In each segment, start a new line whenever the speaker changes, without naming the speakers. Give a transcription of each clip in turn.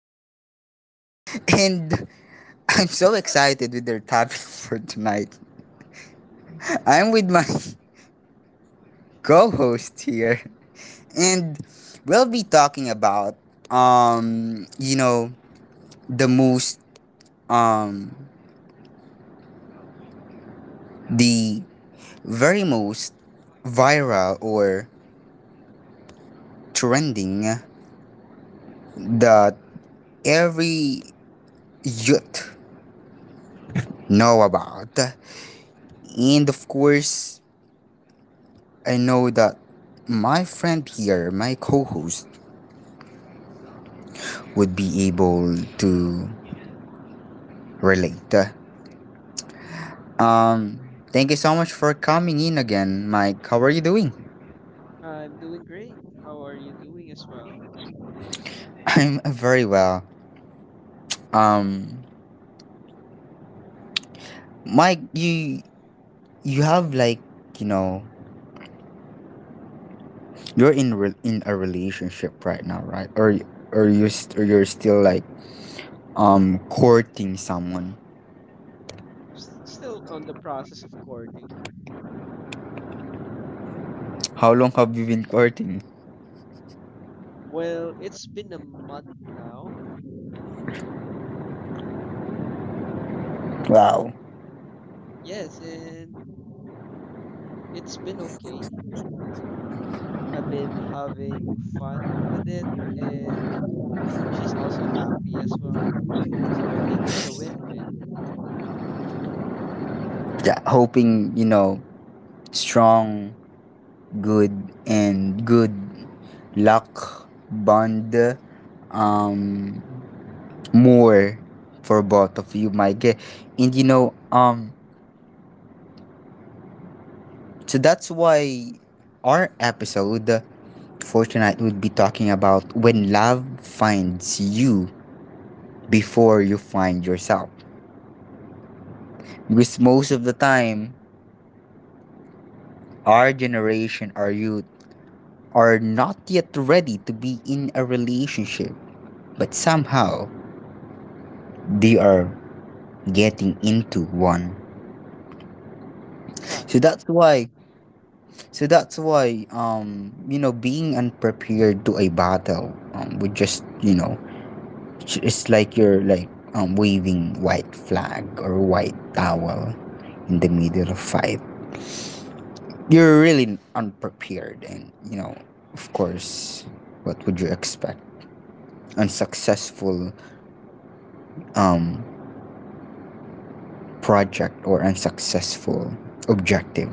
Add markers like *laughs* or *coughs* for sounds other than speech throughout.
episode. And I'm so excited with our topic for tonight. I'm with my co host here, and we'll be talking about, um, you know, the most, um, the very most viral or trending that every youth know about. And of course, I know that my friend here, my co-host, would be able to relate. Um, Thank you so much for coming in again, Mike. How are you doing?
I'm doing great. How are you doing as well?
*laughs* I'm very well. Um, Mike, you have you know you're in in a relationship right now, right? Or you or you're still like courting someone.
S still on the process of courting.
How long have you been courting?
Well, it's been a month now.
Wow.
Yes, and it's been okay. I've been having fun with it, and she's also happy as well. So I think it's a win-win.
Yeah, hoping strong, good, and good luck, bond, um more, for both of you, Mike. And so that's why our episode for tonight would be talking about when love finds you before you find yourself, because most of the time our generation, our youth are not yet ready to be in a relationship, but somehow they are getting into one. so
Exactly.
that's why so that's why, being unprepared to a battle, would just, it's like you're like, waving white flag or white towel in the middle of fight. You're really unprepared, and, of course, what would you expect? Unsuccessful, um project, or unsuccessful objective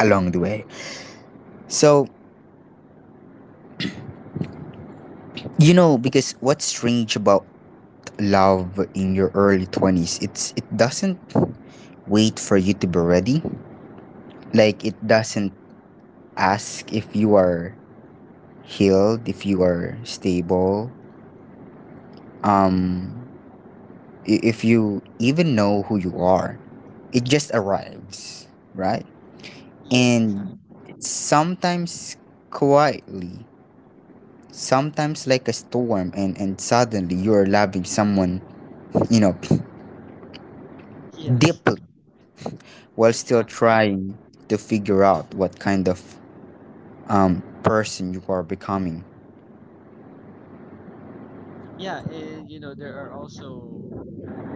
along the way. So because what's strange about love in your early 20s, it doesn't wait for you to be ready. Like
Mm-hmm.
it doesn't ask if you are healed, if you are stable, um if you even know who you are. It just arrives, right?
Yes,
And
exactly. *laughs*
sometimes quietly, sometimes like a storm, and suddenly you are loving someone, you know,
Yes,
deeply while still
exactly.
trying to figure out what kind of person you are becoming.
Yeah, and you know, there are also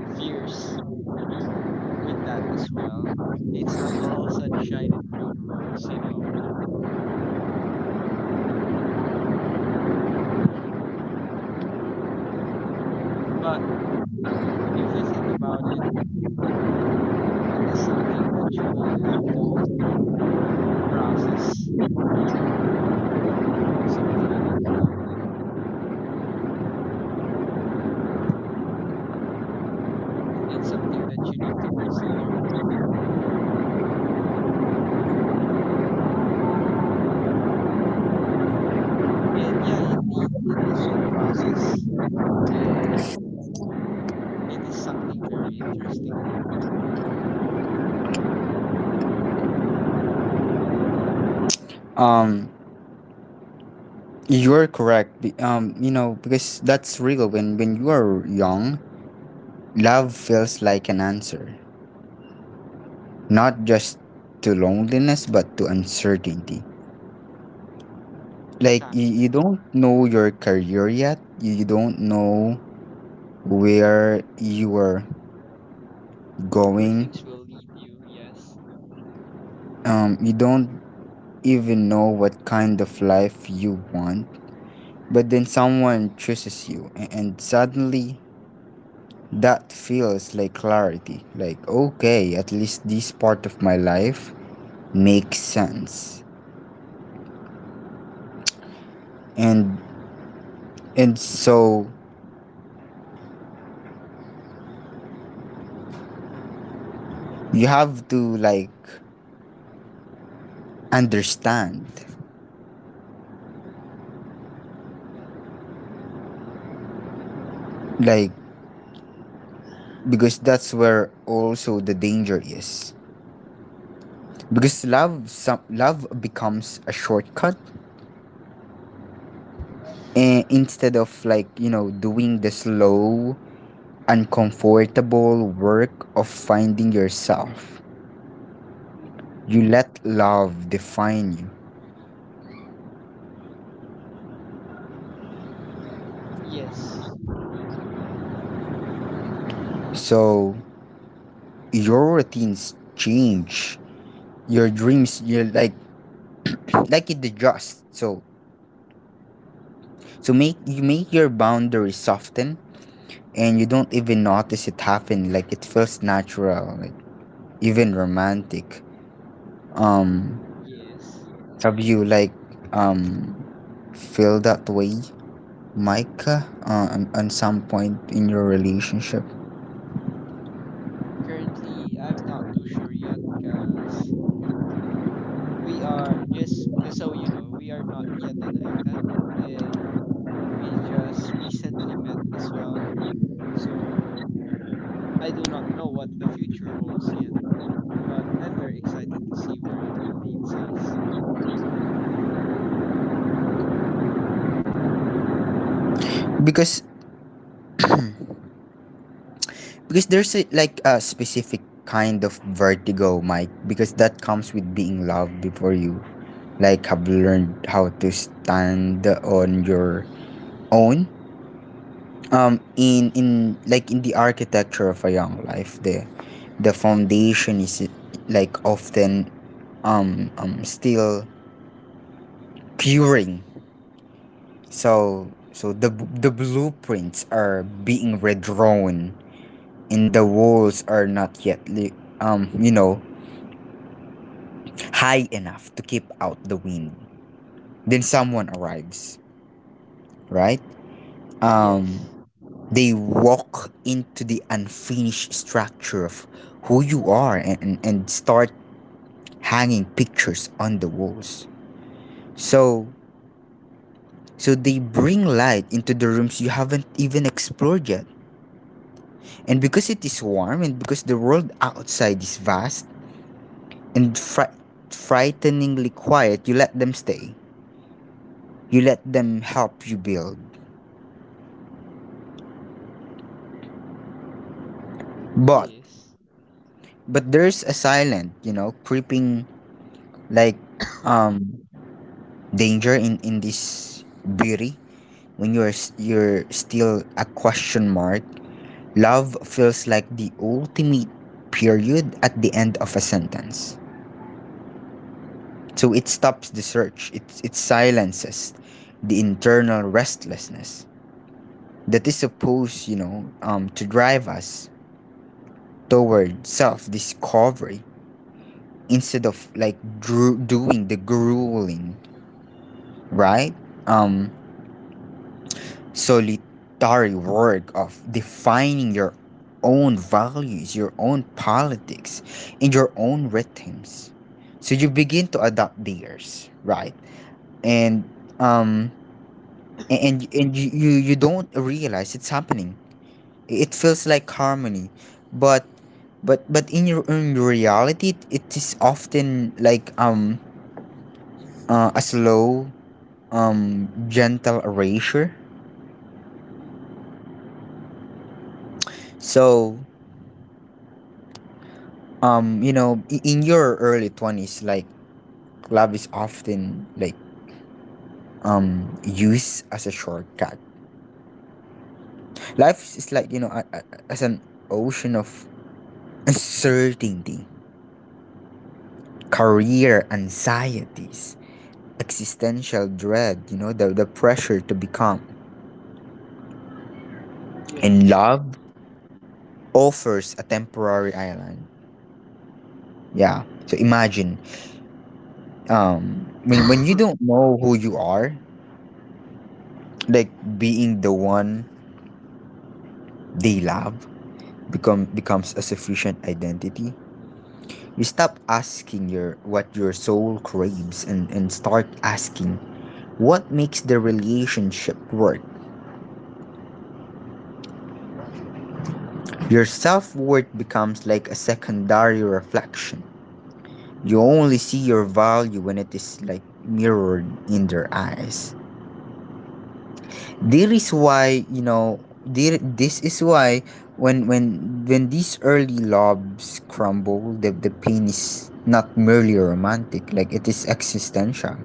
fears with that as well. It's not all *laughs* sunshine and rainbows, you know. But if you think about it, it is something that you will have to process, something you need to do, and something that you need to consider. And yeah, indeed, it is a process, and it is something very interesting.
Um, you're correct. You know, because that's real. When you are young, love feels like an answer, not just to loneliness but to uncertainty. Like you
Exactly.
don't know your career yet. You don't know where you are
Where
going.
things will lead you, yes.
You don't even know what kind of life you want. But then someone chooses you, and suddenly that feels like clarity. Like, okay, at least this part of my life makes sense.
Mm-hmm.
And and so you have to like understand, like, because that's where also the danger is, because love, some love becomes a shortcut, and instead of, doing the slow, uncomfortable work of finding yourself.
Mm-hmm.
You let love define you.
Yes.
So your routines change. Your dreams, you're like, it adjusts. So make you, make your boundaries soften, and you don't even notice it happen. Like it feels natural, like even romantic.
Mm,
Um
yes.
have you like, um feel that way, Micah, on some point in your relationship?
Currently, I'm not too sure yet because we are just so we are not yet an item, and we just recently met as well. So I do not know what the future holds yet, but I'm very excited to see where it will leads us.
Because because there's a, like a specific kind of vertigo, Mike, because that comes with being loved before you like have learned how to stand on your own. In like in the architecture of a young life, the foundation is like often still curing. so so the blueprints are being redrawn, and the walls are not yet um you know high enough to keep out the wind. Then someone arrives, right? Um,
Yes,
they walk into the unfinished structure of who you are, and start hanging pictures on the walls. So so they bring light into the rooms you haven't even explored yet. And because it is warm, and because the world outside is vast and frighteningly quiet, you let them stay. You let them help you build. But
yes.
But there's a silent, creeping, like,
*coughs*
um danger in this beauty, when you're you're still a question mark. Love feels like the ultimate period at the end of a sentence.
Mm-hmm.
So it stops the search. It silences the internal restlessness that is supposed, to drive us toward self-discovery, instead of like doing the grueling, right? Um, Solitary work of defining your own values, your own politics, and your own rhythms. So you begin to adopt theirs, right? And um, and you don't realize it's happening. It feels like harmony, but but in your own reality, it is often like, a slow, gentle erasure.
Mm-hmm.
So, in your early 20s, like love is often like, used as a shortcut. Life is like, a, as an ocean of uncertainty, career anxieties, existential dread, you know, the pressure to become.
*coughs*
And
Yes.
love offers a temporary island. Yeah, so imagine, when you don't
*coughs*
know who you are, like being the one they love becomes a sufficient identity. You stop asking your what your soul craves, and start asking what makes the relationship work.
Mm-hmm.
Your self-worth becomes like a secondary reflection. You only see your value when it is like mirrored in their eyes. There is why you know there, This is why when these early lobes crumble, the pain is not merely romantic, like it is existential.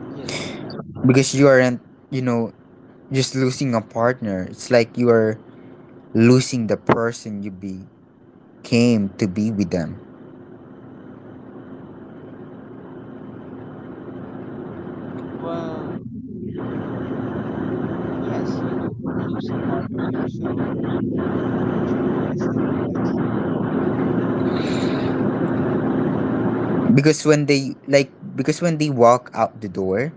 Yes.
Because you aren't, you know just losing a partner, it's like you are losing the person you became to be with them.
Well, yes, you lo lose a part of yourself that you invested in them.
because when they like because when they walk out the door,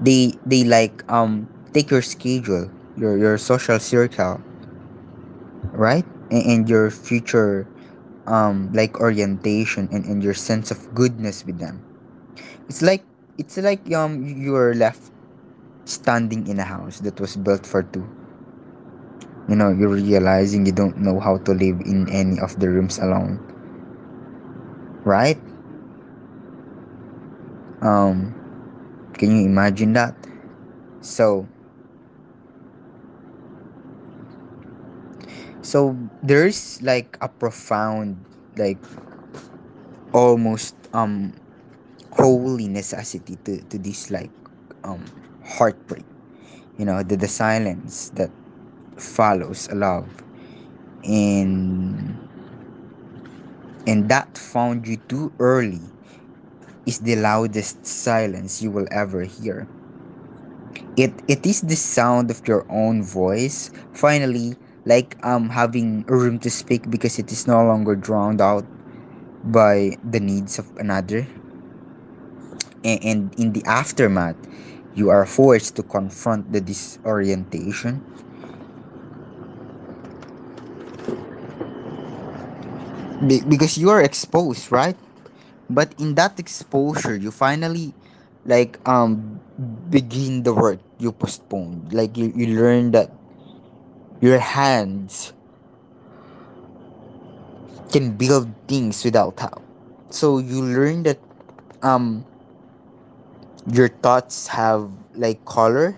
they like, take your schedule, your social circle, right, and your future, like orientation, and your sense of goodness with them. it's like it's like, you're left standing in a house that was built for two. You know, you're realizing you don't know how to live in any of the rooms alone, right?
Mm-hmm.
um can you imagine that? so so there's like a profound, like, almost, holy necessity to this, like, um heartbreak. You know, the silence that follows a love,
Mm-hmm.
and and that found you too early, is the loudest silence you will ever hear. It is the sound of your own voice finally like, having a room to speak, because it is no longer drowned out by the needs of another. And in the aftermath, you are forced to confront the disorientation.
Mm-hmm.
Because you are exposed, right? But in that exposure you finally like, begin the work you postponed. Like you learn that your hands can build things without how. So you learn that, um your thoughts have like color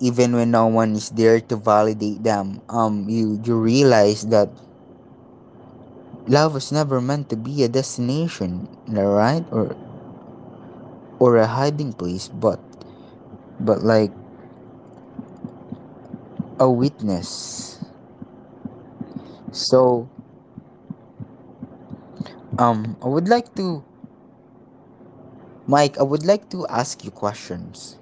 even when no one is there to validate them. You you realize that love was never meant to be a destination, right? Or a hiding place, but like a witness.
Hmm.
So, I would like to, Mike, I would like to ask you questions.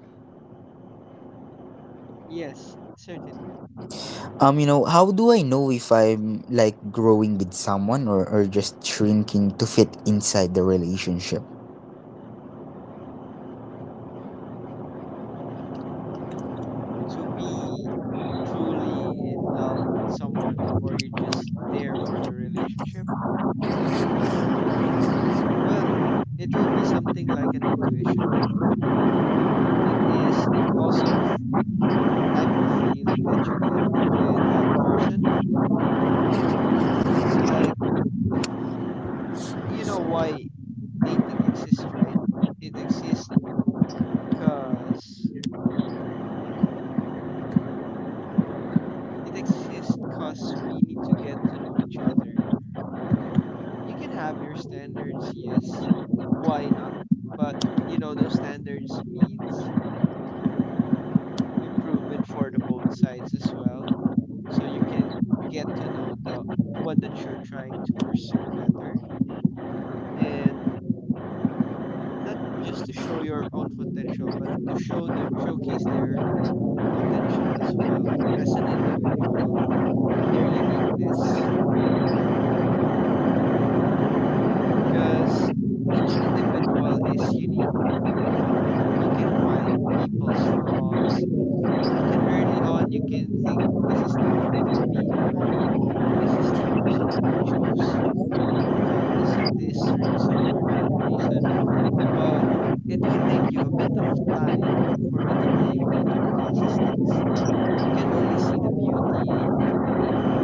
Yes, certainly.
You know, how do I know if I'm like growing with someone, or just shrinking to fit inside the relationship?
To be truly in love with someone, or you're just there for the relationship, well, it will be something like an intuition. It is also a type of feeling that you get with that person. It's like, you know why dating exists, right? It exists because we need to get to know each other. You can have your standards, yes. Why not? But, you know, those standards means improvement for the both sides as well. So you can get to know the one that you're trying to pursue better and not just to show your own potential, but to show the showcase their potential as well as an individual, their uniqueness, because each individual is unique. You can find people's flaws. You can early on you can think this is the one for me, or this is the person that I chose because of this reason or that reason. But it will take you a bit of time for you to be able to process things. You can only see the beauty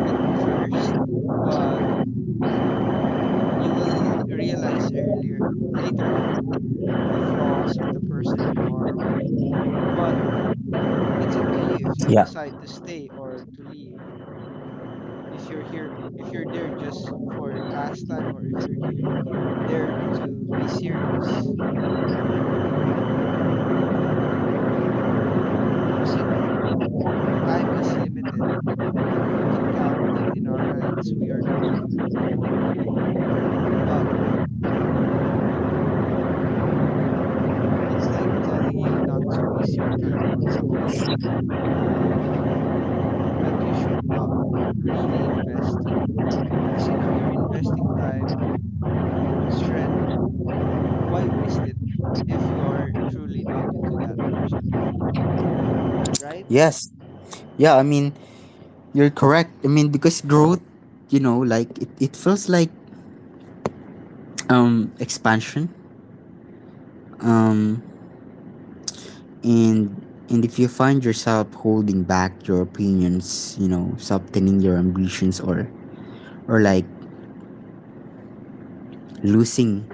at first, but you will realize earlier later on the flaws of the person you are with. But it's up to you if you
Yeah.
decide to stay or to leave, if you're here, if you're there just for pastime, or if you're there to be serious, because you know time is limited. We can count it in our hands. We are not living forever. But it's like telling you not to waste your time on something that you should not really invest to, because you know you're investing time, strength. Why waste it if you are truly not into that person, right?
Yes. Yeah, I mean, you're correct. I mean, because growth, you know, like it feels like, expansion.
Mm-hmm.
Um and and if you find yourself holding back your opinions, you know, softening your ambitions, or like losing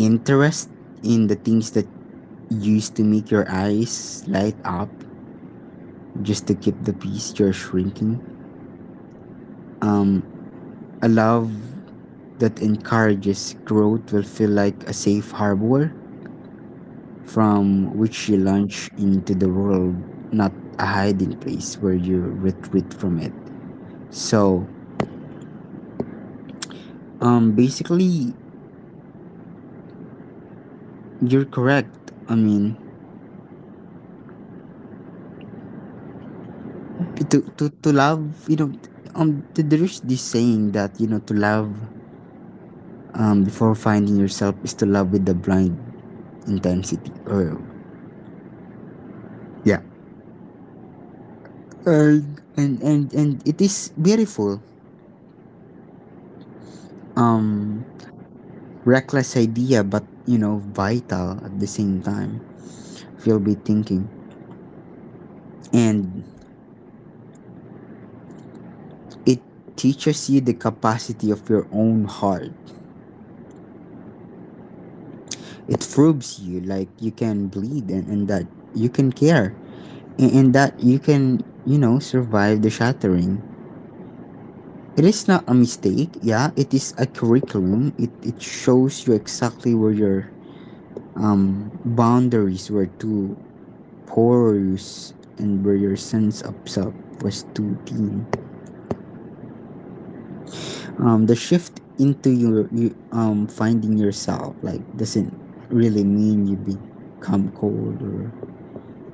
interest in the things that used to make your eyes light up just to keep the peace, you're shrinking. Um, a love that encourages growth will feel like a safe harbor from which you
Mm-hmm.
launch into the world, not a hiding place where you retreat from it. So, basically, you're correct. I mean,
Mm-hmm.
to love, you know, there's this saying that, you know, to love, before finding yourself, is to love with the blind intensity. Or, yeah, and it is beautiful,
Mm-hmm.
um reckless idea, but you know, vital at the same time, if you'll be thinking. And it teaches you the capacity of your own heart. It proves you like you can bleed, and that you can care, and that you can, you know, survive the shattering. It is not a mistake, yeah, it is a curriculum. It shows you exactly where your, boundaries were too porous, and where your sense of self was too thin. The shift into you, finding yourself, like, doesn't really mean you become cold or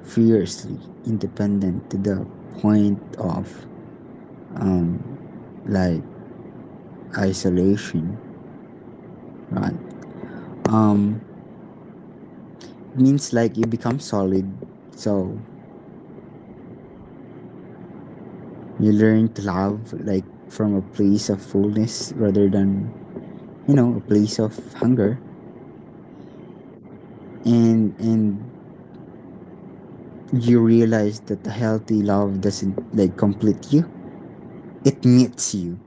fiercely independent to the point of, um like isolation, right? Um, it means like you become solid. So you learn to love like from a place of fullness rather than a place of hunger,
Hmm.
and you realize that the healthy love doesn't like complete you, it meets you.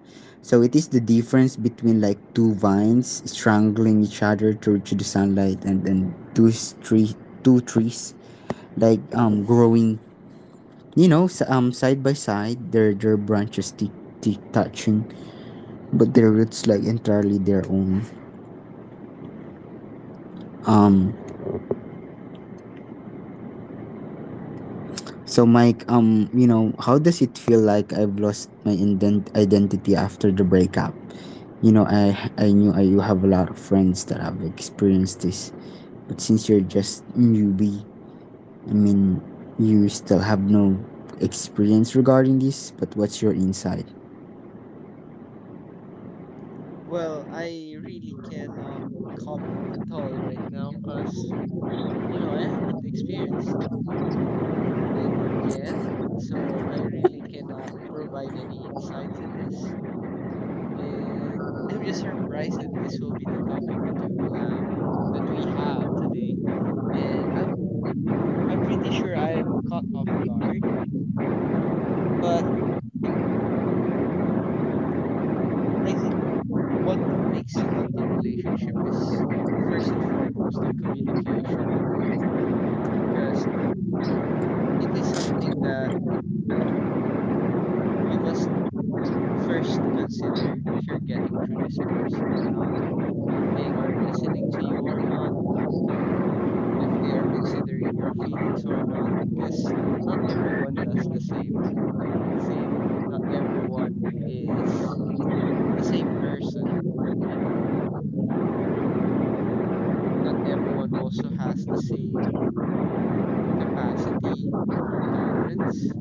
So it is the difference between like two vines strangling each other through to the sunlight and then tree two trees like growing, you know, side by side, their branches tick touching, but their roots like entirely their own. um so Mike, you know, how does it feel like I've lost my identity after the breakup? You know, I knew you have a lot of friends that have experienced this, but since you're just newbie, I mean, you still have no experience regarding this, but what's your insight?
Well, I really cannot comment at all right now because, you know, I haven't experienced it yet. So I really cannot provide any insight to this. And *laughs* I'm just surprised that this will be the topic that we will have, that we have today. And I'm pretty sure I'm caught off guard, but I think what makes a healthy relationship is first and foremost the communication. Because it is something that you must first consider if you're getting through this person or not, if they are listening to you or not, if they are considering your feelings or not, because not everyone does the same thing, not everyone is the same person, you know, not everyone also has the same capacity for tolerance,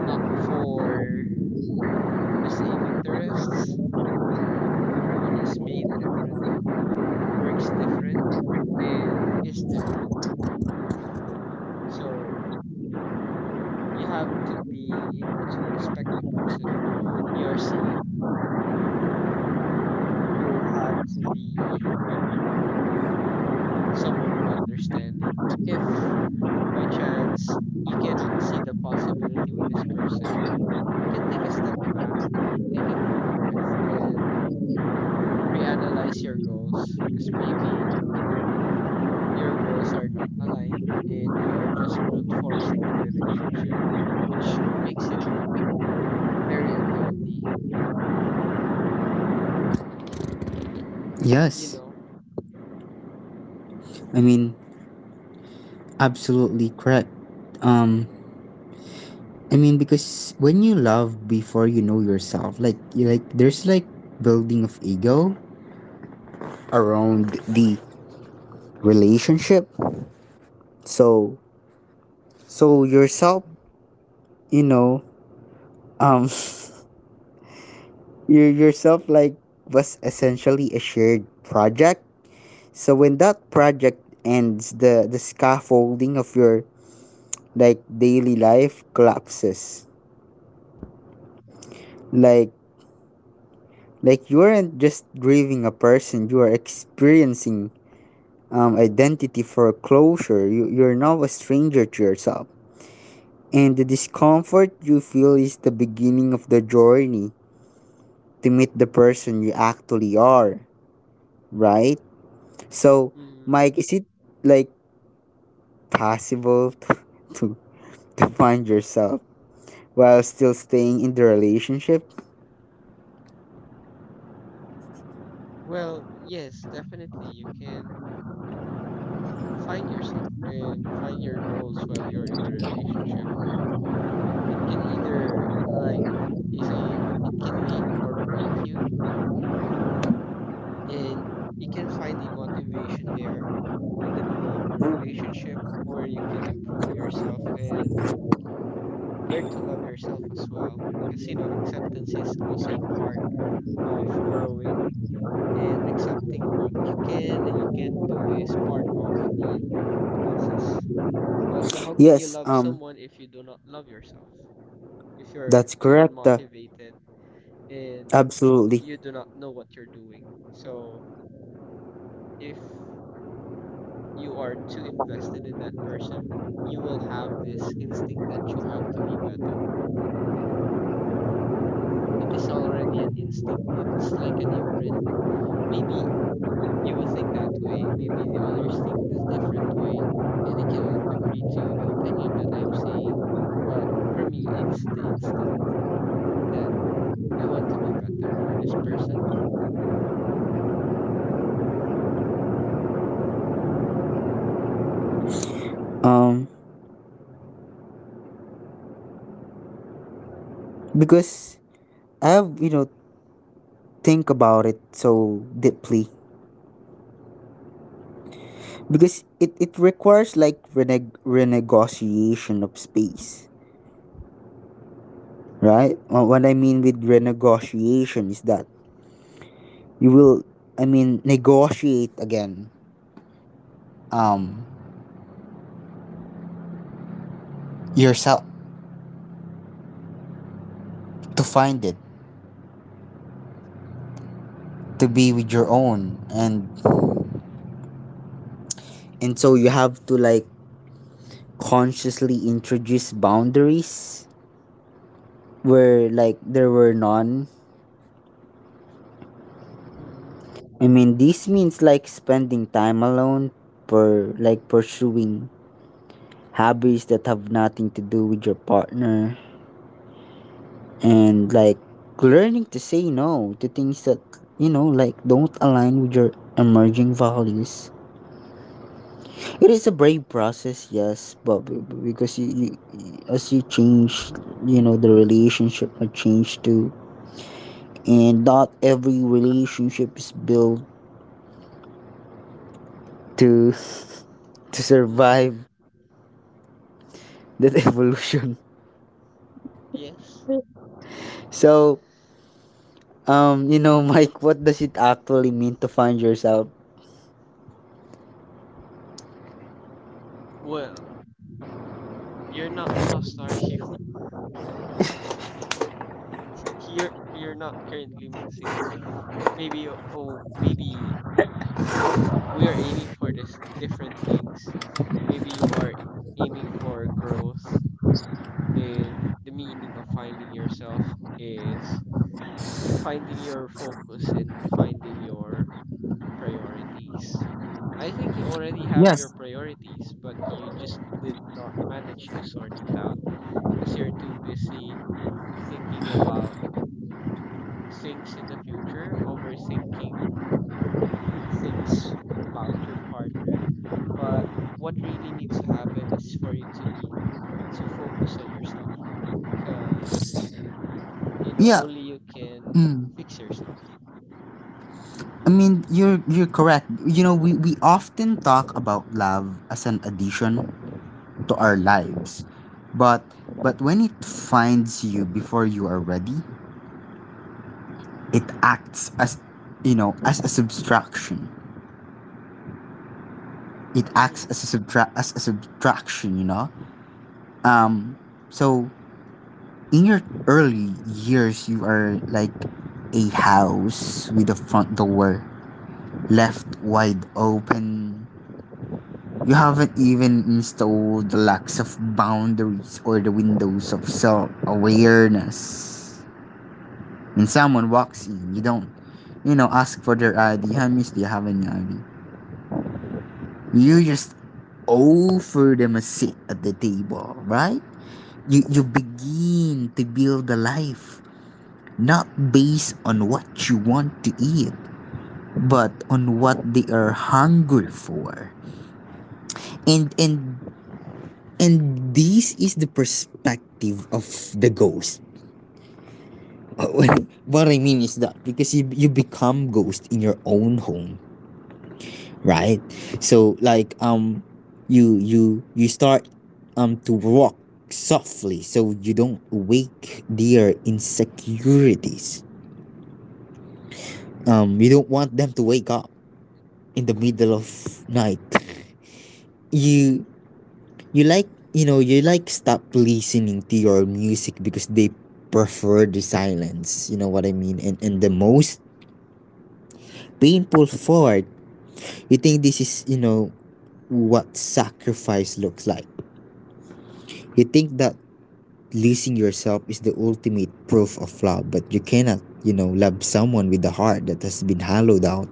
not for the same interests. Everyone is made different, works different, and is different. So you have to be able to respect the person you're seeing. You have to be someone who understanding. If by chance you cannot see the possibility with this person, you can take a step back, take a deep breath, and reanalyze your goals. Because maybe your goals are not aligned and you are just brute forcing the relationship, which makes it very unhealthy, you
Yes,
know.
I mean, absolutely correct. um I mean, because when you love before you know yourself, like there's like building of ego around the relationship. So so yourself, you know. um You yourself like was essentially a shared project. So when that project ends, the scaffolding of your like daily life collapses. Like like you aren't just grieving a person, you are experiencing identity foreclosure. You're now a stranger to yourself. And the discomfort you feel is the beginning of the journey to meet the person you actually are, right? So,
Hmm.
Mike, is it like possible to, to find yourself while still staying in the relationship?
Well, yes, definitely. You can find yourself and find your goals while you're in a relationship. It can either, like you're saying, it can make or break you, and you can find the motivation there in the middle of the relationship where you can improve yourself and learn to love yourself as well. Because, you know, acceptance is also a part of growing, and accepting what you can and you can't do is part of the process. Also, how can you
Yes,
love someone if you do not love yourself? If you're
that's
too
correct.
unmotivated and
Absolutely.
you do not know what you're doing. So, if you are too invested in that person, you will have this instinct that you have to be better. It is already an instinct. It's like an imprint. Maybe you will think that way. Maybe the others think this different way, and they cannot agree to the opinion that I'm saying. But for me, it's the instinct that I want to be better for this person.
Um, because I have, you know, think about it so deeply. Because it requires like renegotiation of space, right? What I mean
Mm-hmm.
with renegotiation is that you will, I mean, negotiate again, um, yourself to find it, to be with your own. And so you have to like consciously introduce boundaries where like there were none.
Mm-hmm.
I mean, this means like spending time alone for like pursuing hobbies that have nothing to do with your partner, and like learning to say no to things that, you know, like don't align with your emerging values. It is a brave process, yes, but because you, as you change, you know, the relationship might change too, and not every relationship is built to *laughs* to
Mm-hmm.
survive that *laughs* evolution.
Yes.
So, you know, Mike, what does it actually mean to find yourself?
Well, you're not lost, are you? *laughs* You're not currently missing. Maybe oh, maybe we are aiming for this different things. Maybe you are aiming for growth. And the meaning of finding yourself is to finding your focus and finding your priorities. I think you already have your
Yes.
priorities, but you just did not manage to sort it out because you're too busy thinking about things in the future, overthinking things about your partner. But what really needs to happen is for you to need to focus on yourself, because you know
Yeah.
only you can
Mm.
fix yourself.
I mean, you're correct. You know, we often talk about love as an addition to our
Mm-hmm.
lives, but when it finds you before you are ready, it acts as, you know, as a subtraction. It acts
Mm-hmm.
as a subtraction, you know. Um, so in your early years, you are like a house with a front door left wide open. You haven't even installed the locks of boundaries or the windows of self awareness. When someone walks in, you don't, you know, ask for their ID. Hi, miss, do you have any ID? You just offer them a seat at the table, right? You begin to build a life not based on what you want to eat, but on what they are hungry for. And and and this is the perspective of the ghost. *laughs* What I mean is that because you become ghost in your own home, right? So like, you start to walk softly so you don't wake their insecurities. You don't want them to wake up in the middle of
Mm-hmm.
night. you you like, you know, you like stop listening to your music because they prefer the silence, you know what I mean. And the most painful part, you think this is, you know, what sacrifice looks like. You think that losing yourself is the ultimate proof of love, but you cannot, you know, love someone with a heart that has been hollowed out,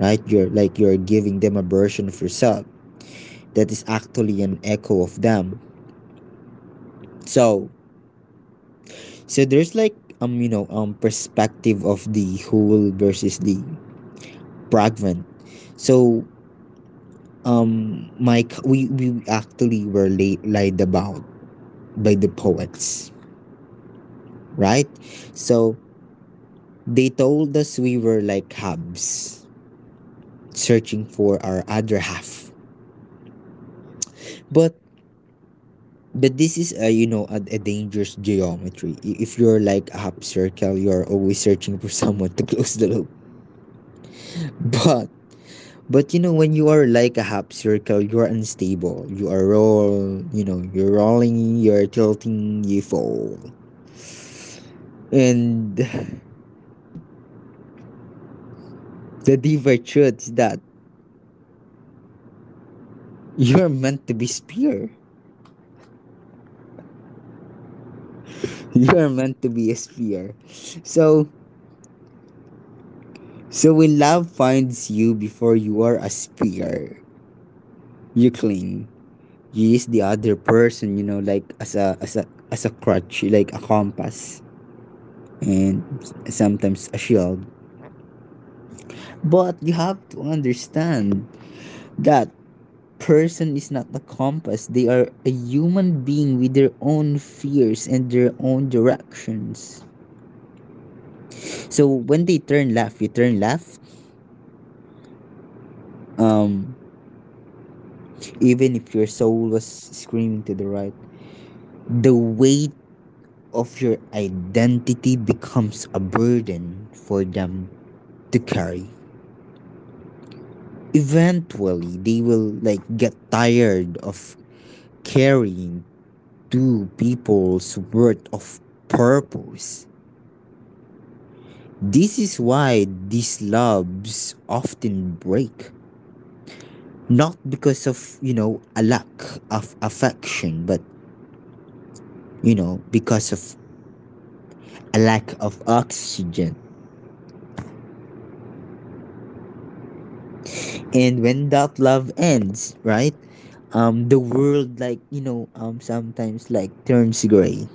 right? You're like you're giving them a version of yourself that is actually an echo of them. So, so there's like, you know, perspective of the whole versus the fragment. So, my we actually were lied about by the poets, right? So they told us we were like hubs searching for our other half.
Mm-hmm.
But this is, a you know, a dangerous geometry. If you're like a hub circle, you're always searching for *laughs* someone to close the loop. But but you know, when you are like a half circle, you are unstable. You are you know, you're rolling, you're tilting, you fall. And the deeper truth is that you're meant to be spear. *laughs* You're meant to be a spear. So so when love finds you before you are a spear, you cling. You use the other person, you know, like as a as a as a crutch, like a compass, and sometimes a shield. But you have to understand that person is not a compass. They are a human being with their own fears and their own directions.
Mm-hmm.
So when they turn left, you turn left. Um, Even if your soul was screaming to the right, the weight of your identity becomes a burden for them to carry. Eventually, they will like get tired of carrying to people's worth of purpose. This is why these loves often break. Not because of, you know, a lack of affection, but, you know, because of a lack of oxygen. And when that love ends, right? The world, like, you know, sometimes, like, turns gray.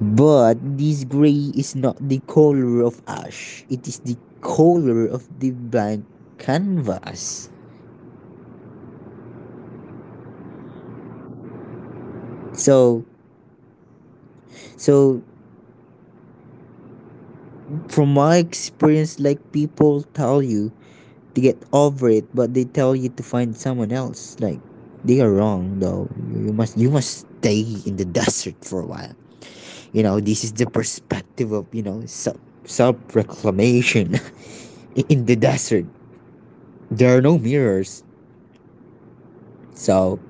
But this gray is not the color of ash, it is the color of the blank canvas.
Mm-hmm.
So, so from my experience, like people tell you to get over it, but they tell you to find someone else. Like they are wrong, though. You must stay in the desert for a while. You know, this is the perspective of, you know, self reclamation *laughs* in the desert. There are no mirrors, so,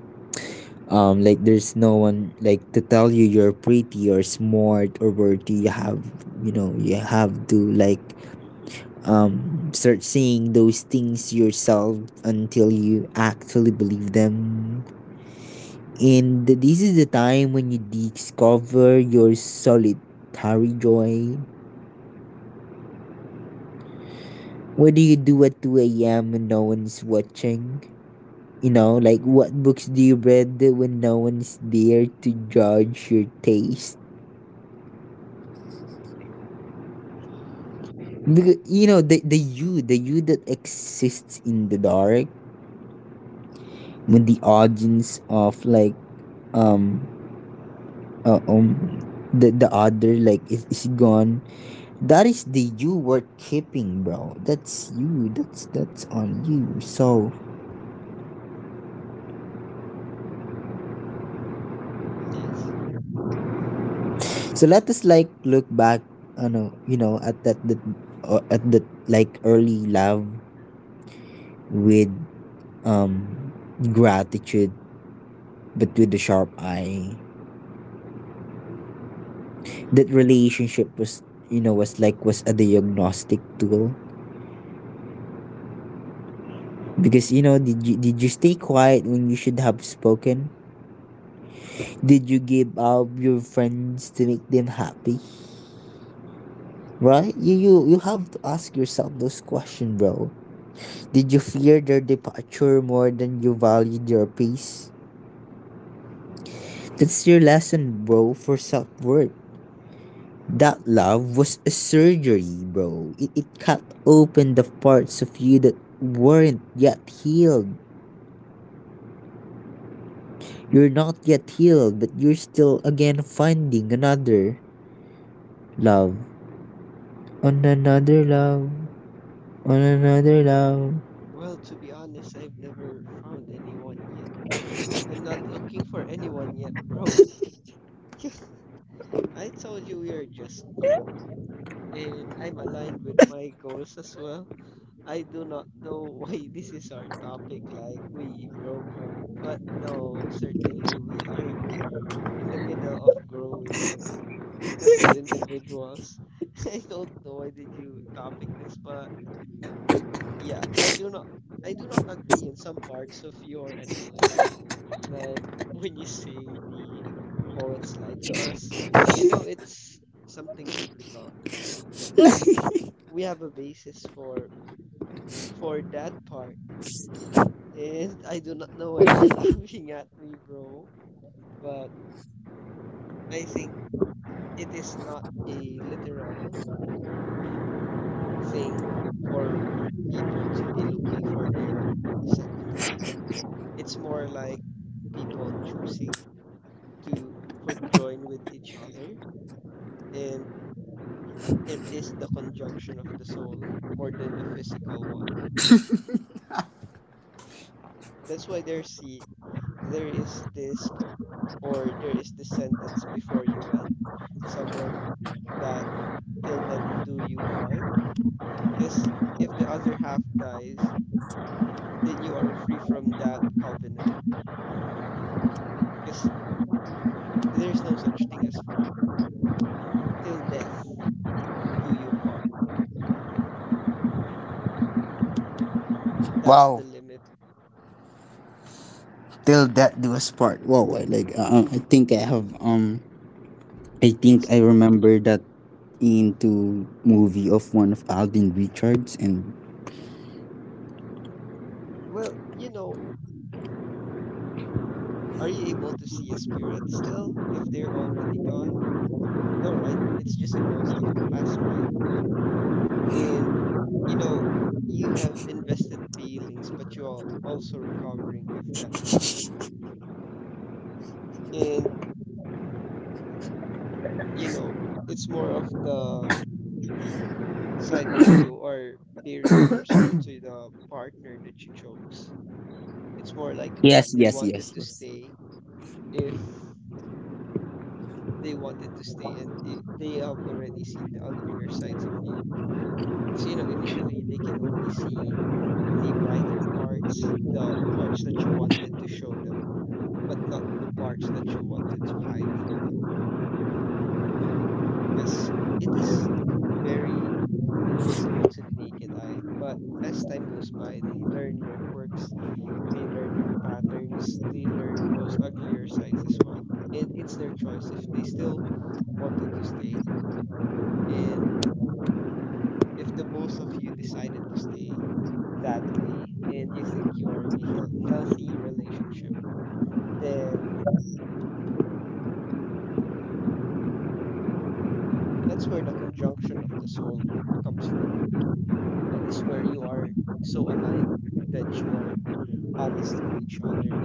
like there's no one like to tell you you're pretty or smart or worthy. You have, you know, you have to like, start saying those things yourself until you actually believe them. And this is the time when you discover your solitary joy. What do you do at 2 a.m. when no one's watching? You know, like what books do you read when no one's there to judge your taste?
Mm-hmm.
Because, you know, the you that exists in the dark, when the audience of like, um uh, um the other like is gone, that is the you were keeping, bro. That's you, that's on you. So,
Yes.
so let us like look back, no, you know, at that the, at the like early love with um gratitude, but with the sharp eye.
Mm-hmm.
That relationship was, you know, was like was a diagnostic tool, because, you know, did you stay quiet when you should have spoken? Did you give up your friends to make them happy? Right? You have to ask yourself those questions, bro. Did you fear their departure more than you valued their peace? That's your lesson, bro, for self worth. That love was a surgery, bro. It cut open the parts of you that weren't yet healed. You're not yet healed, but you're still again finding another love. On another love. On another love.
Well, to be honest, I've never found anyone yet. I'm not looking for anyone yet, bro. *laughs* I told you we are just new, and I'm aligned with my goals as well. I do not know *laughs* why this is our topic, like we broke up, but no, certainly we are in the middle of growing as to individuals. *laughs* I don't know why did you topic this, but yeah, I do not agree in some parts of your analogy. Like when you say the poets lie to us, you know it's something biblical. We have a basis for that part. And *laughs* I do not know why you're *laughs* laughing at me, bro, but I think it is not a literal thing for people to be looking for their second half. It's more like people choosing to conjoin with each other, and it is the conjunction of the soul more than the physical one. That's why there see there is this co- or there is this sentence before you wed someone that till that do you part. Because if the other half dies, then you are free from that covenant. Because there's no such thing as forever. Till death do you part. That's
Wow,
the limit.
till that do us part. Wow, I like, I think I have, I think
It's,
I remember that into movie of one of Alden Richards and
well, you know, are you able to see a spirit still if they're already gone? No, right? It's just a ghost of the past, right? And, you know, you have invested feelings, but you're also recovering if that happened. And, you know, it's more of the side where you are bearing your soul to the partner that you chose. It's more like if
yes,
they
yes.
wanted to stay, if they wanted to stay, and I they have already seen the uglier sides of you. Because, you know, initially they can only see the brighter parts, the parts that you wanted to show them, but not the parts that you wanted to hide from them, because it is very invisible to the naked eye. But as time goes by, they learn your quirks, they learn your patterns, they learn those uglier sides as well. And it's their choice if they still wanted to stay. And if the both of you decided to stay that way and you think you are in a healthy relationship, then that's where the conjunction of the soul comes from. That is where you are so aligned that you are honest with each other,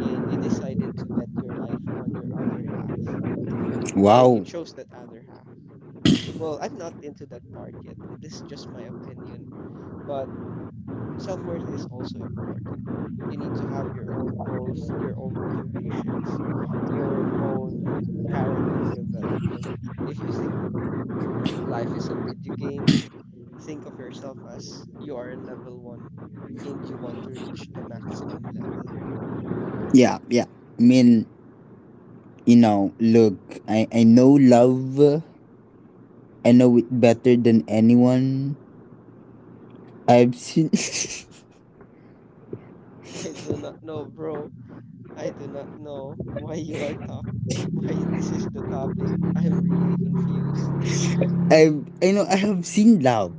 and you decided to bet your life on your other half,
Yes.
and you
Wow.
chose that other half. Well, I'm not into that part yet. This is just my opinion, but self-worth is also important. You need to have your own goals, your own motivations, your own character development. If you think life is a video game, think of yourself as you are in level 1 and you want to reach the maximum level.
Yeah, yeah. I mean, you know, look, I know love. I know it better than anyone. I've seen
*laughs* I do not know, bro. I do not know why you are top, *laughs* why this is the topic. I'm really confused.
*laughs* I know I have seen love.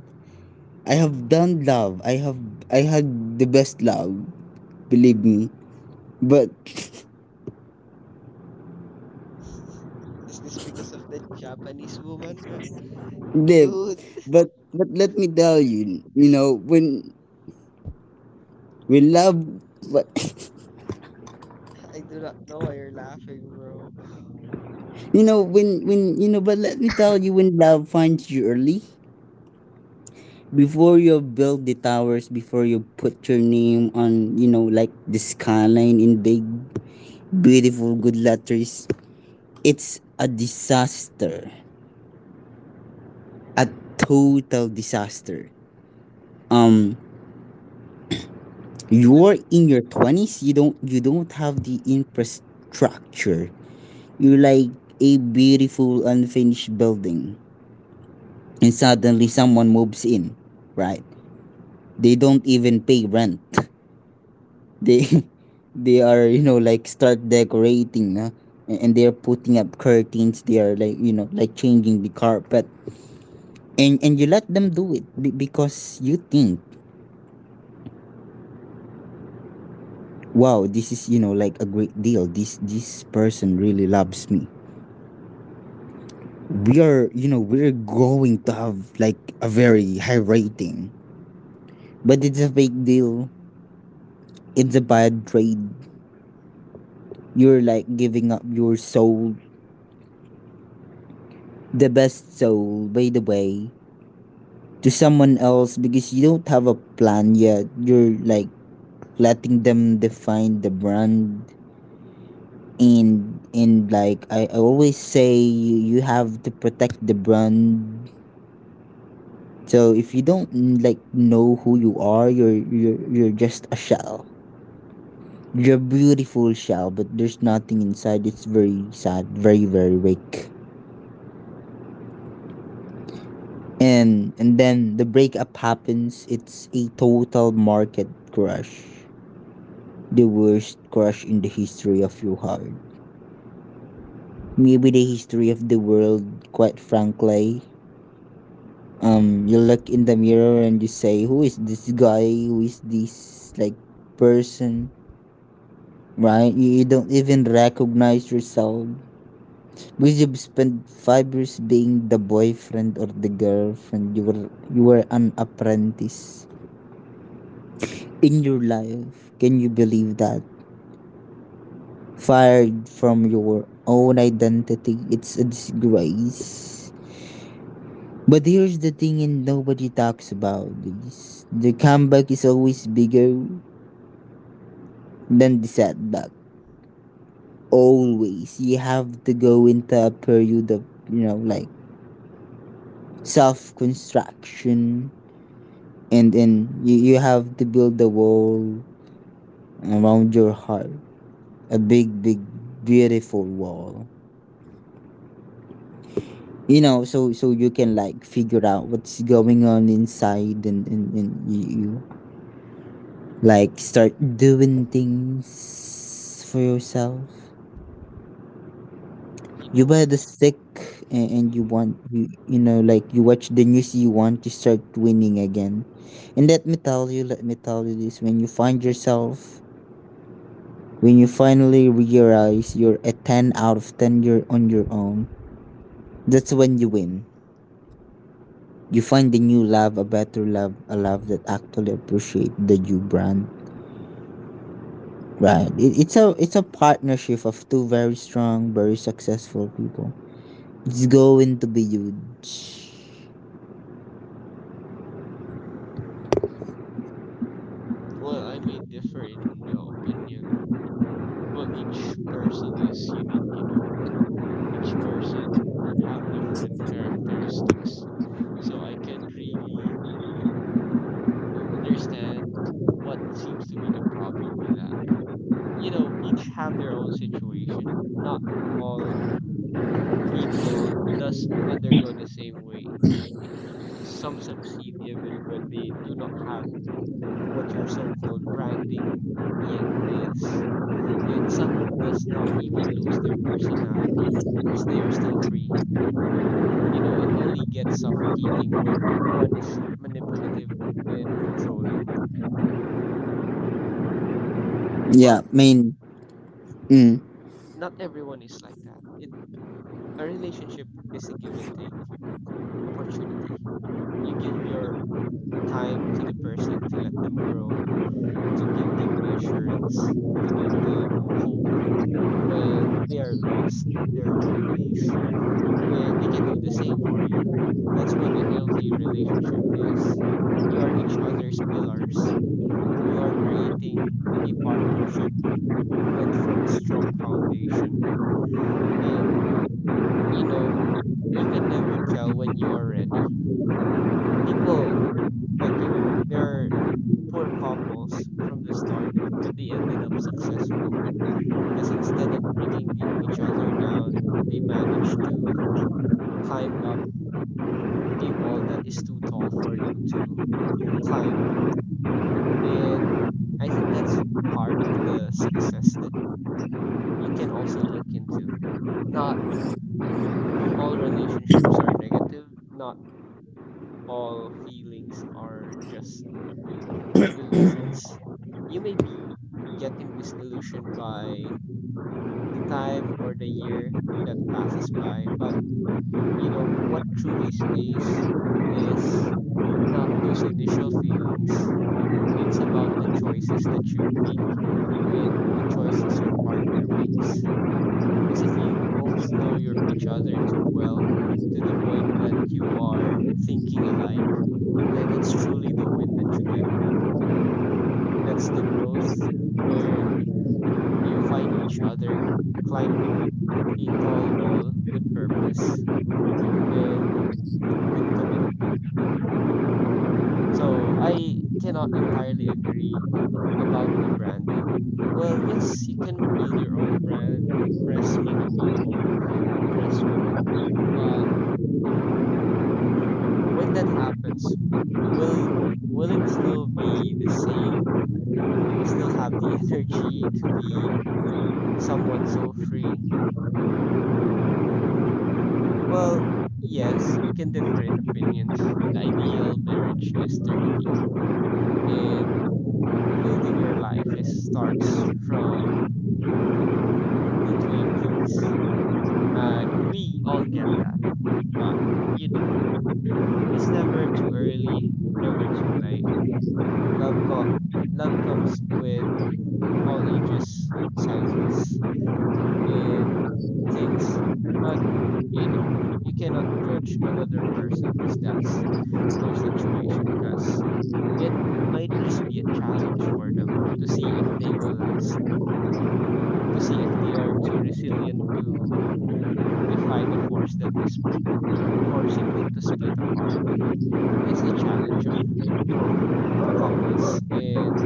I have done love. I had the best love, believe me. But
*laughs* Is this because of that Japanese woman, man?
live.
Dude, *laughs*
But let me tell you, you know, when love but
I do not know why you're laughing, bro.
*laughs* you know, when you know, but let me tell you, when love finds you early, before you build the towers, before you put your name on, you know, like the skyline in big beautiful good letters, it's a disaster. A total disaster. Um
Let,
you're in your 20s, you don't have
hmm
the infrastructure. You're like a beautiful unfinished building, and suddenly someone moves in, right? They don't even pay rent. *laughs* They *laughs* they are, you know, like start decorating, huh? And they are putting up curtains. They are like, you know, like changing the carpet, and you let them do it because you think, wow, this is, you know, like a great deal. This person really loves me. We are, you know, we're going to have like a very high rating, but it's a big deal. It's a bad trade. You're like giving up your soul, the best soul, by the way, to someone else because you don't have a plan yet. You're like letting them define the brand, and like I always say you, you have to protect the brand. So if you don't like know who you are, you're you're just a shell. You're a beautiful shell, but there's nothing inside. It's very sad, very weak. And then the breakup happens. It's a total market crash, the worst crash in the history of your heart, maybe the history of the world, quite frankly. You look in the mirror and you say, who is this guy? Who is this, person? Right, you don't even recognize yourself because you've spent 5 years being the boyfriend or the girlfriend. You were you were an apprentice in your life. Can you believe that? Fired from your own identity, it's a disgrace. But here's the thing, and nobody talks about this, the comeback is always bigger than the setback. Always. You have to go into a period of, you know, like, self construction, and then you have to build a wall around your heart. A big, big, beautiful wall. You know, so you can, like, figure out what's going on inside, and you like start doing things for yourself.
you
You
know,
buy the stick, and you
hmm
want, you know, like, you watch the news, you want to start winning again. And let me tell you, let me tell you this, when you find yourself, when you finally realize you're a 10 out of 10, you're on your own, that's when you win. You find the new love, a better love, a love that actually appreciate the you brand. Right, it's a it's a partnership of two very strong, very successful people. It's going to be huge.
Well, I may differ in the opinion. Well, each person is unique, you know. Each person have different characteristics. So I can't really understand what seems to be the problem with that. You know, each have their own situation. Not all people does undergo the same way. Some succeed even when they do not have what your so-called branding yet is. And some does not even lose their personality because they are still free. You know, it only gets suffocating when one is manipulative and controlling,
Yeah,
but
I mean, mm,
not everyone is like that. It a relationship is a give and take opportunity. You give your time to the person to let them grow, to give them reassurance, to give them hope when they are lost in their own ways, and they can do the same for you. That's what a healthy relationship is. You are each other's pillars. You are creating a partnership built from a strong foundation. And, you know, you can never tell when you are ready. People, like they're poor couples from the start, but they ended up successful because instead of bringing the each other down, they managed to climb up a wall that is too tall for them to climb. And I think that's part of the success that you can also look into. Not all relationships are negative, not all feelings are just illusions. You may be getting this illusion by the time or the year that passes by. But, you know, what truly stays is not those initial feelings. It's about the choices that you make and the choices your partner makes. Because if you both know your each other too well to the point that you are thinking alike, then that's truly the win that you get. That's the growth where you find each other climbing up a tall wall with purpose and with commitment. So I cannot entirely agree about the branding. Well, yes, you can build your own brand, impress many people, impress women, but when that happens, will will it still be the same? Will you still have the *laughs* energy to be someone so free? Well, yes, we can differ in opinions. The ideal marriage is 30, and building your life is starts from the 20s. We all get that, but you know, it's never too early, never too late. Love co Love comes with all ages, sizes, and things, but you know, you cannot judge another person because that's their situation, because it might just be a challenge for them to see if they will last, to see if they are too resilient to defy the force that is forcing them to split apart. That's the challenge of couples. And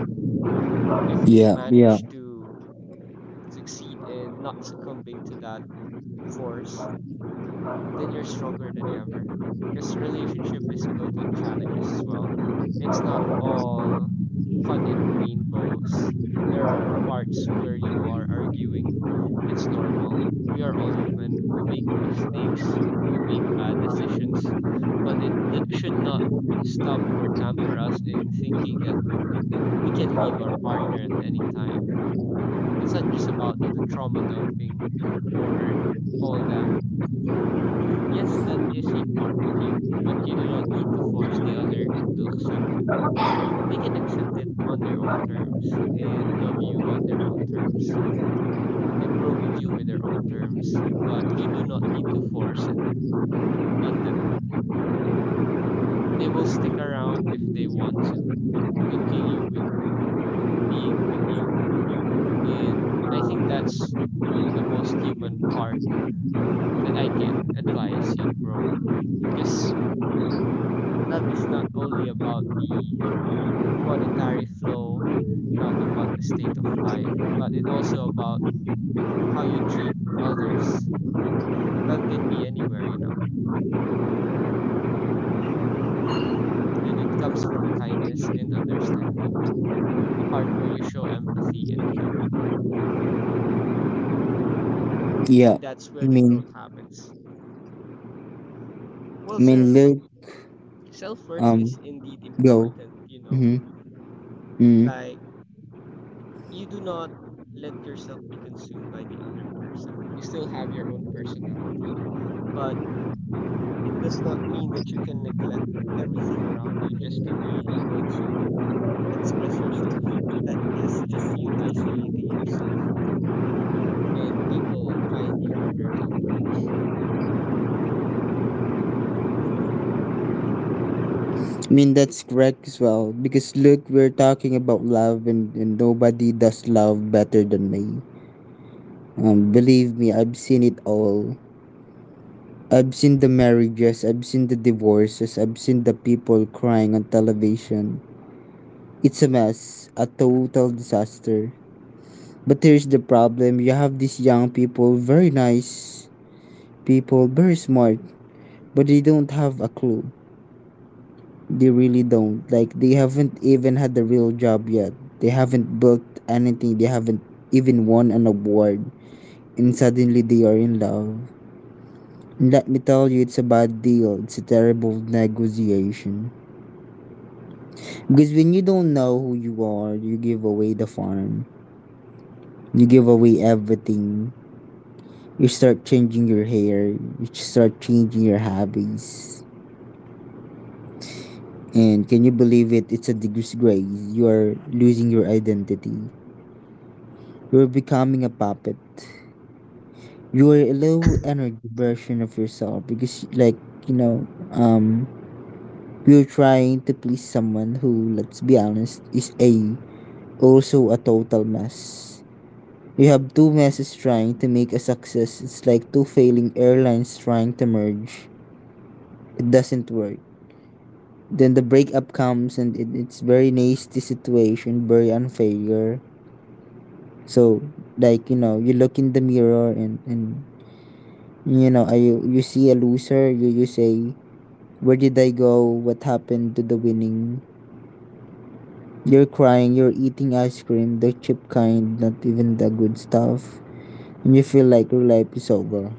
if you
yeah, yeah,
manage to succeed in not succumbing to that force, then you're stronger than ever. Because relationship is built on challenges as well. It's not all fun and rainbows. There are parts where you are arguing. It's normal. We are all human. We make mistakes. We make bad decisions. But it should not stop or tamper us in thinking that we can leave our partner at any time. It's not just about the trauma dumping or all that. Yes, that is a part of you, but you do not need to force the other to accept it. They can accept it on their own terms and love you on their own terms and grow with you with their own terms, but you do not need to force it on them. They will stick around if they want to, continue with being with you, and I think that's the most human part that I can advise you, bro. Because love is not only about the monetary flow, not about the state of life, but it also about how you treat others. Love can be anywhere, you know, and it comes from kindness and understanding, a part where you show empathy and care.
yeah.
And that's where
i
the
mean
growth happens. Well,
i mean
sir,
look,
self worth
um
is indeed
go.
important, you know,
Mm-hmm, mm.
like you do not let yourself be consumed by the other person. You still have your own personality, but it does not mean that you can neglect everything around you just to be able to express yourself. That is just you isolating yourself, and people find you harder to approach.
I mean, that's correct as well, because look, we're talking about love, and nobody does love better than me. Believe me, I've seen it all. I've seen the marriages, I've seen the divorces, I've seen the people crying on television. It's a mess, a total disaster. But here's the problem, you have these young people, very nice people, very smart, but they don't have a clue. They really don't. Like, they haven't even had a real job yet. They haven't built anything, they haven't even won an award. And suddenly they are in love. And let me tell you, it's a bad deal, it's a terrible negotiation. Because when you don't know who you are, you give away the farm. You give away everything. You start changing your hair. You start changing your habits. And can you believe it? It's a disgrace. You are losing your identity. You're becoming a puppet. You are a low energy version of yourself because, you know, um, you're trying to please someone who, let's be honest, is a also a total mess. You have two messes trying to make a success. It's like two failing airlines trying to merge. It doesn't work. Then the breakup comes and it's very nasty situation, very unfair. So, like, you know, you look in the mirror and you know, you see a loser, you say, where did I go? What happened to the winning? You're crying, you're eating ice cream, the cheap kind, not even the good stuff. And you feel like your life is over.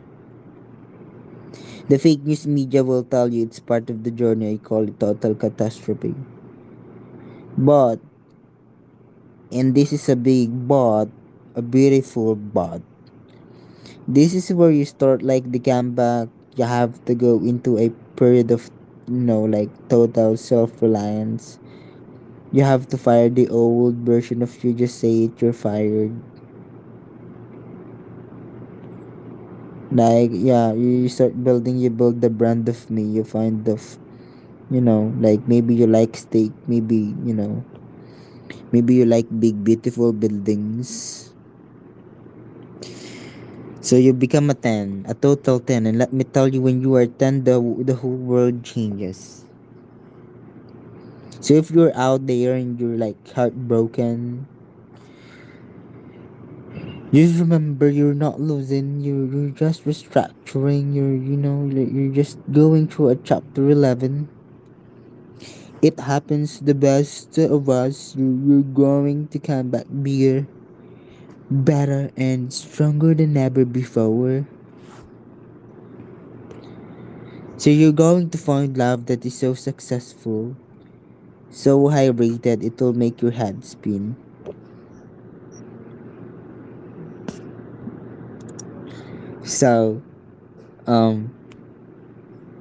The fake news media will tell you it's part of the journey. I call it total catastrophe. But, and this is a big but, a beautiful but, this is where you start, like, the comeback. You have to go into a period of, you know, like, total self reliance. You have to fire the old version of you, just say it, you're fired. Like,
Mm.
yeah, you start building, you build the brand of me, you find the, you know, like, maybe you like steak, maybe, you know, maybe you like big, beautiful buildings. So you become a 10, a total 10. And let me tell you, when you are 10, the whole world changes. So if you're out there and you're, like, heartbroken, just remember you're not losing. You're just restructuring. You're, you know, you're just going through a chapter 11. It happens to the best of us. You're going to come back bigger, better, and stronger than ever before. So you're going to find love that is so successful, so high rated it'll make your head spin. So, um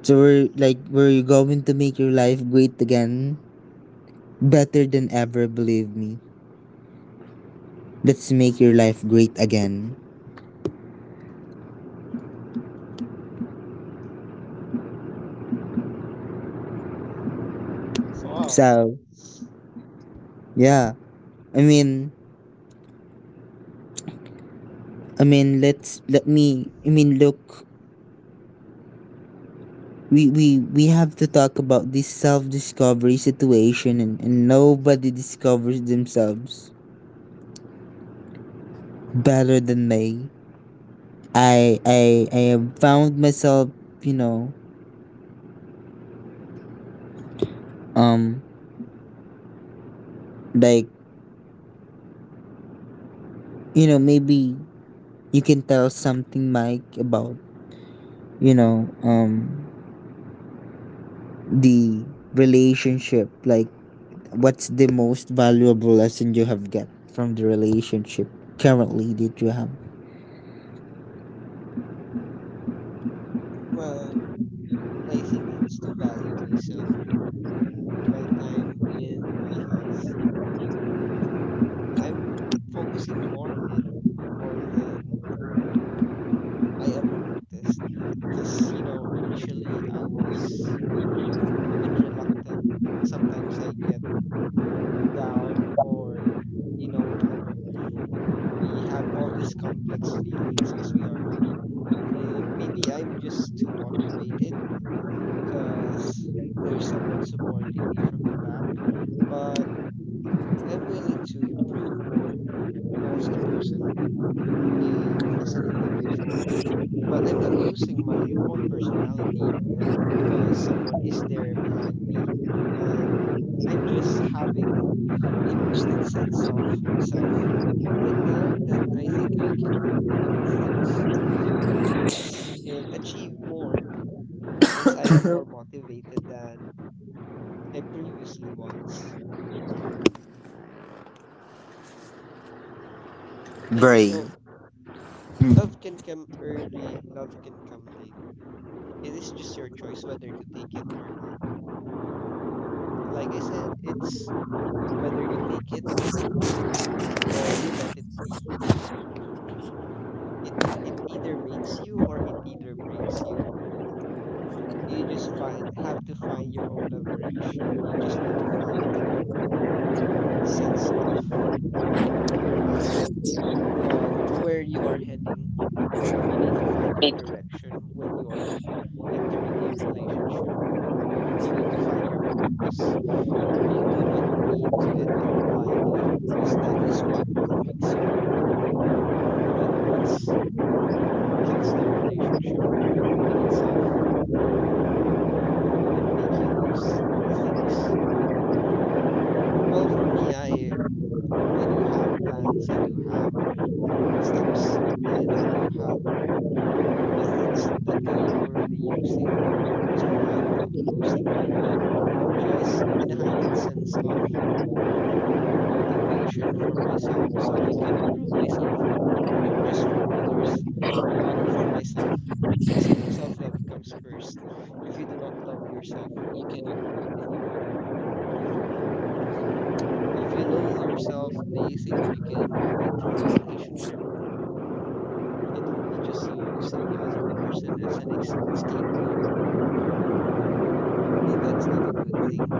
so we're, like, we're going to make your life great again. Better than ever, believe me. Let's make your life great again.
So, wow.
So, yeah. I mean i mean let's let me i mean look, we have to talk about this self discovery situation, and nobody discovers themselves better than me. I have found myself, you know. um like Maybe you can tell something Mike about, you know, um the relationship, like, what's the most valuable lesson you have got from the relationship currently that you have.
Well, I think it's to value myself more, my time, and my health. I'm f focusing more on it more than I ever noticed. Because, you know, initially I was a bit reluctant. Sometimes I get down or you know whatever. We had all these complex feelings because we are human, and maybe I'm just too motivated because there's someone supporting me from the back. But I'm willing to improve more as a person and as an individual, but I'm not losing my own personality because someone is there behind me. And I'm just having a boosted sense of self right now that I think I can do many things at once and achieve more as I am more motivated than I previously was. And you
Very
know, love can come early, love can come late. It is just your choice whether to take it or not. Like I said, it's whether you take it or you let it be. It either makes you or it either breaks you. You just find have to find your own leverage. You just need to find your own sense of grasp on where you are heading. You need to find your direction when you are entering a relationship. You need to find your purpose. You do not need to enter blindly because that is what makes you broken. That what kills the relationship in itself and make you lose things. Well, for me, I do have plans, I do have steps, and I do have methods that I am already using. So I'm not losing my way. I'm just in a heightened sense of motivation for myself so I can improve myself, not just for others, but for myself. Because you know, self-love comes first. If you do not love yourself, you cannot love anyone. If you loathe yourself, do you think you can enter a relationship? It will be just you using the other person as an ex scapegoat, and that's not a good thing.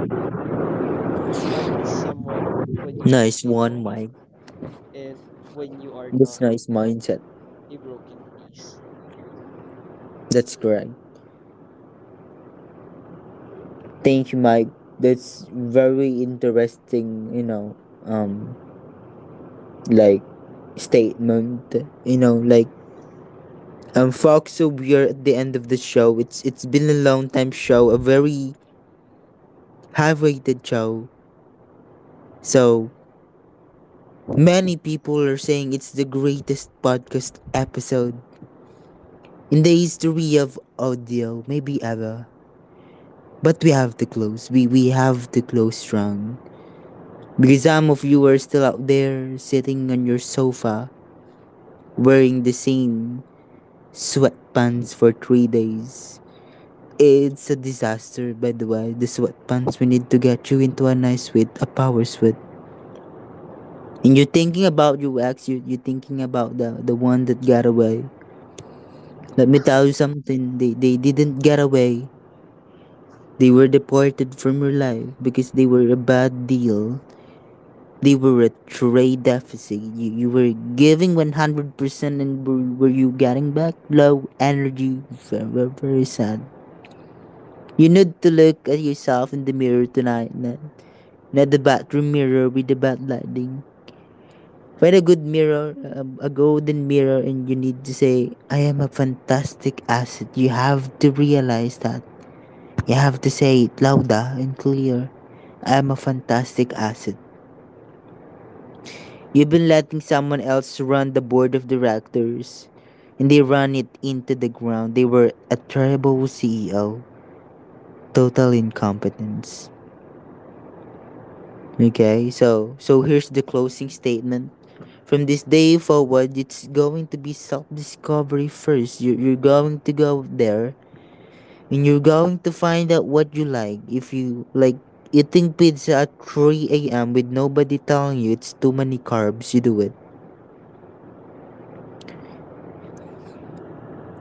Find someone when you are
nice one,
stable
Mike.
and when you are
It's
not
nice mindset.
a broken piece.
That's correct. Thank you, Mike. That's very interesting, you know. um like Statement, you know like folks, so we are at the end of the show. It's been a long time show, a very high-rated show. So many people are saying it's the greatest podcast episode in the history of audio, maybe ever. But we have to close. We have to close strong because some of you are still out there sitting on your sofa wearing the same sweatpants for 3 days. It's a disaster, by the way. The sweat pants, we need to get you into a nice sweat, a power sweat. And you're thinking about UX, you're thinking about the one that got away. Let me tell you something, they didn't get away. They were deported from your life because they were a bad deal. They were a trade deficit. You were giving 100% and were you getting back? Low energy, very, very sad. You need to look at yourself in the mirror tonight. Not the bathroom mirror with the bad lighting. Find a good mirror, a golden mirror, and you need to say, I am a fantastic asset. You have to realize that. You have to say it louder and clear. I am a fantastic asset. You've been letting someone else run the board of directors, and they ran it into the ground. They were a terrible CEO. Total incompetence. Okay, so here's the closing statement. From this day forward, it's going to be self discovery first. You're going to go there and you're going to find out what you like. If you like eating pizza at 3 a.m. with nobody telling you it's too many carbs, you do it.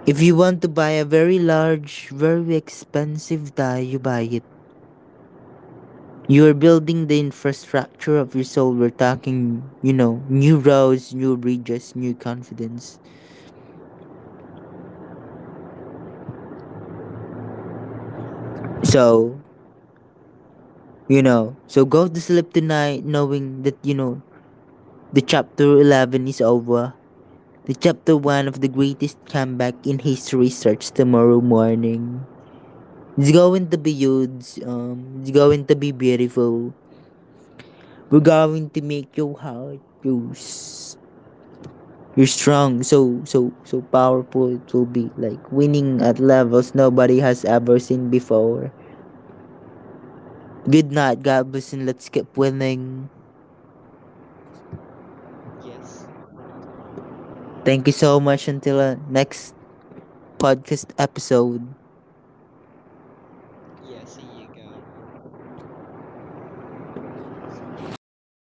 If you want to buy a very large, very expensive tie, you buy it. You're building the infrastructure of your soul. We're talking, you know, new roads, new bridges, new confidence.
Hmm.
So, you know, so go to sleep tonight knowing that, you know, the chapter 11 is over. The chapter 1 of the greatest comeback in history starts tomorrow morning. It's going to be huge. It's going to be beautiful. We're going to make your heart use. You're strong, so powerful. It will be like winning at levels nobody has ever seen before. Good night, God bless, and let's keep winning.
Yes.
Thank you so much. Until next podcast episode.
Yeah, see you, Gab.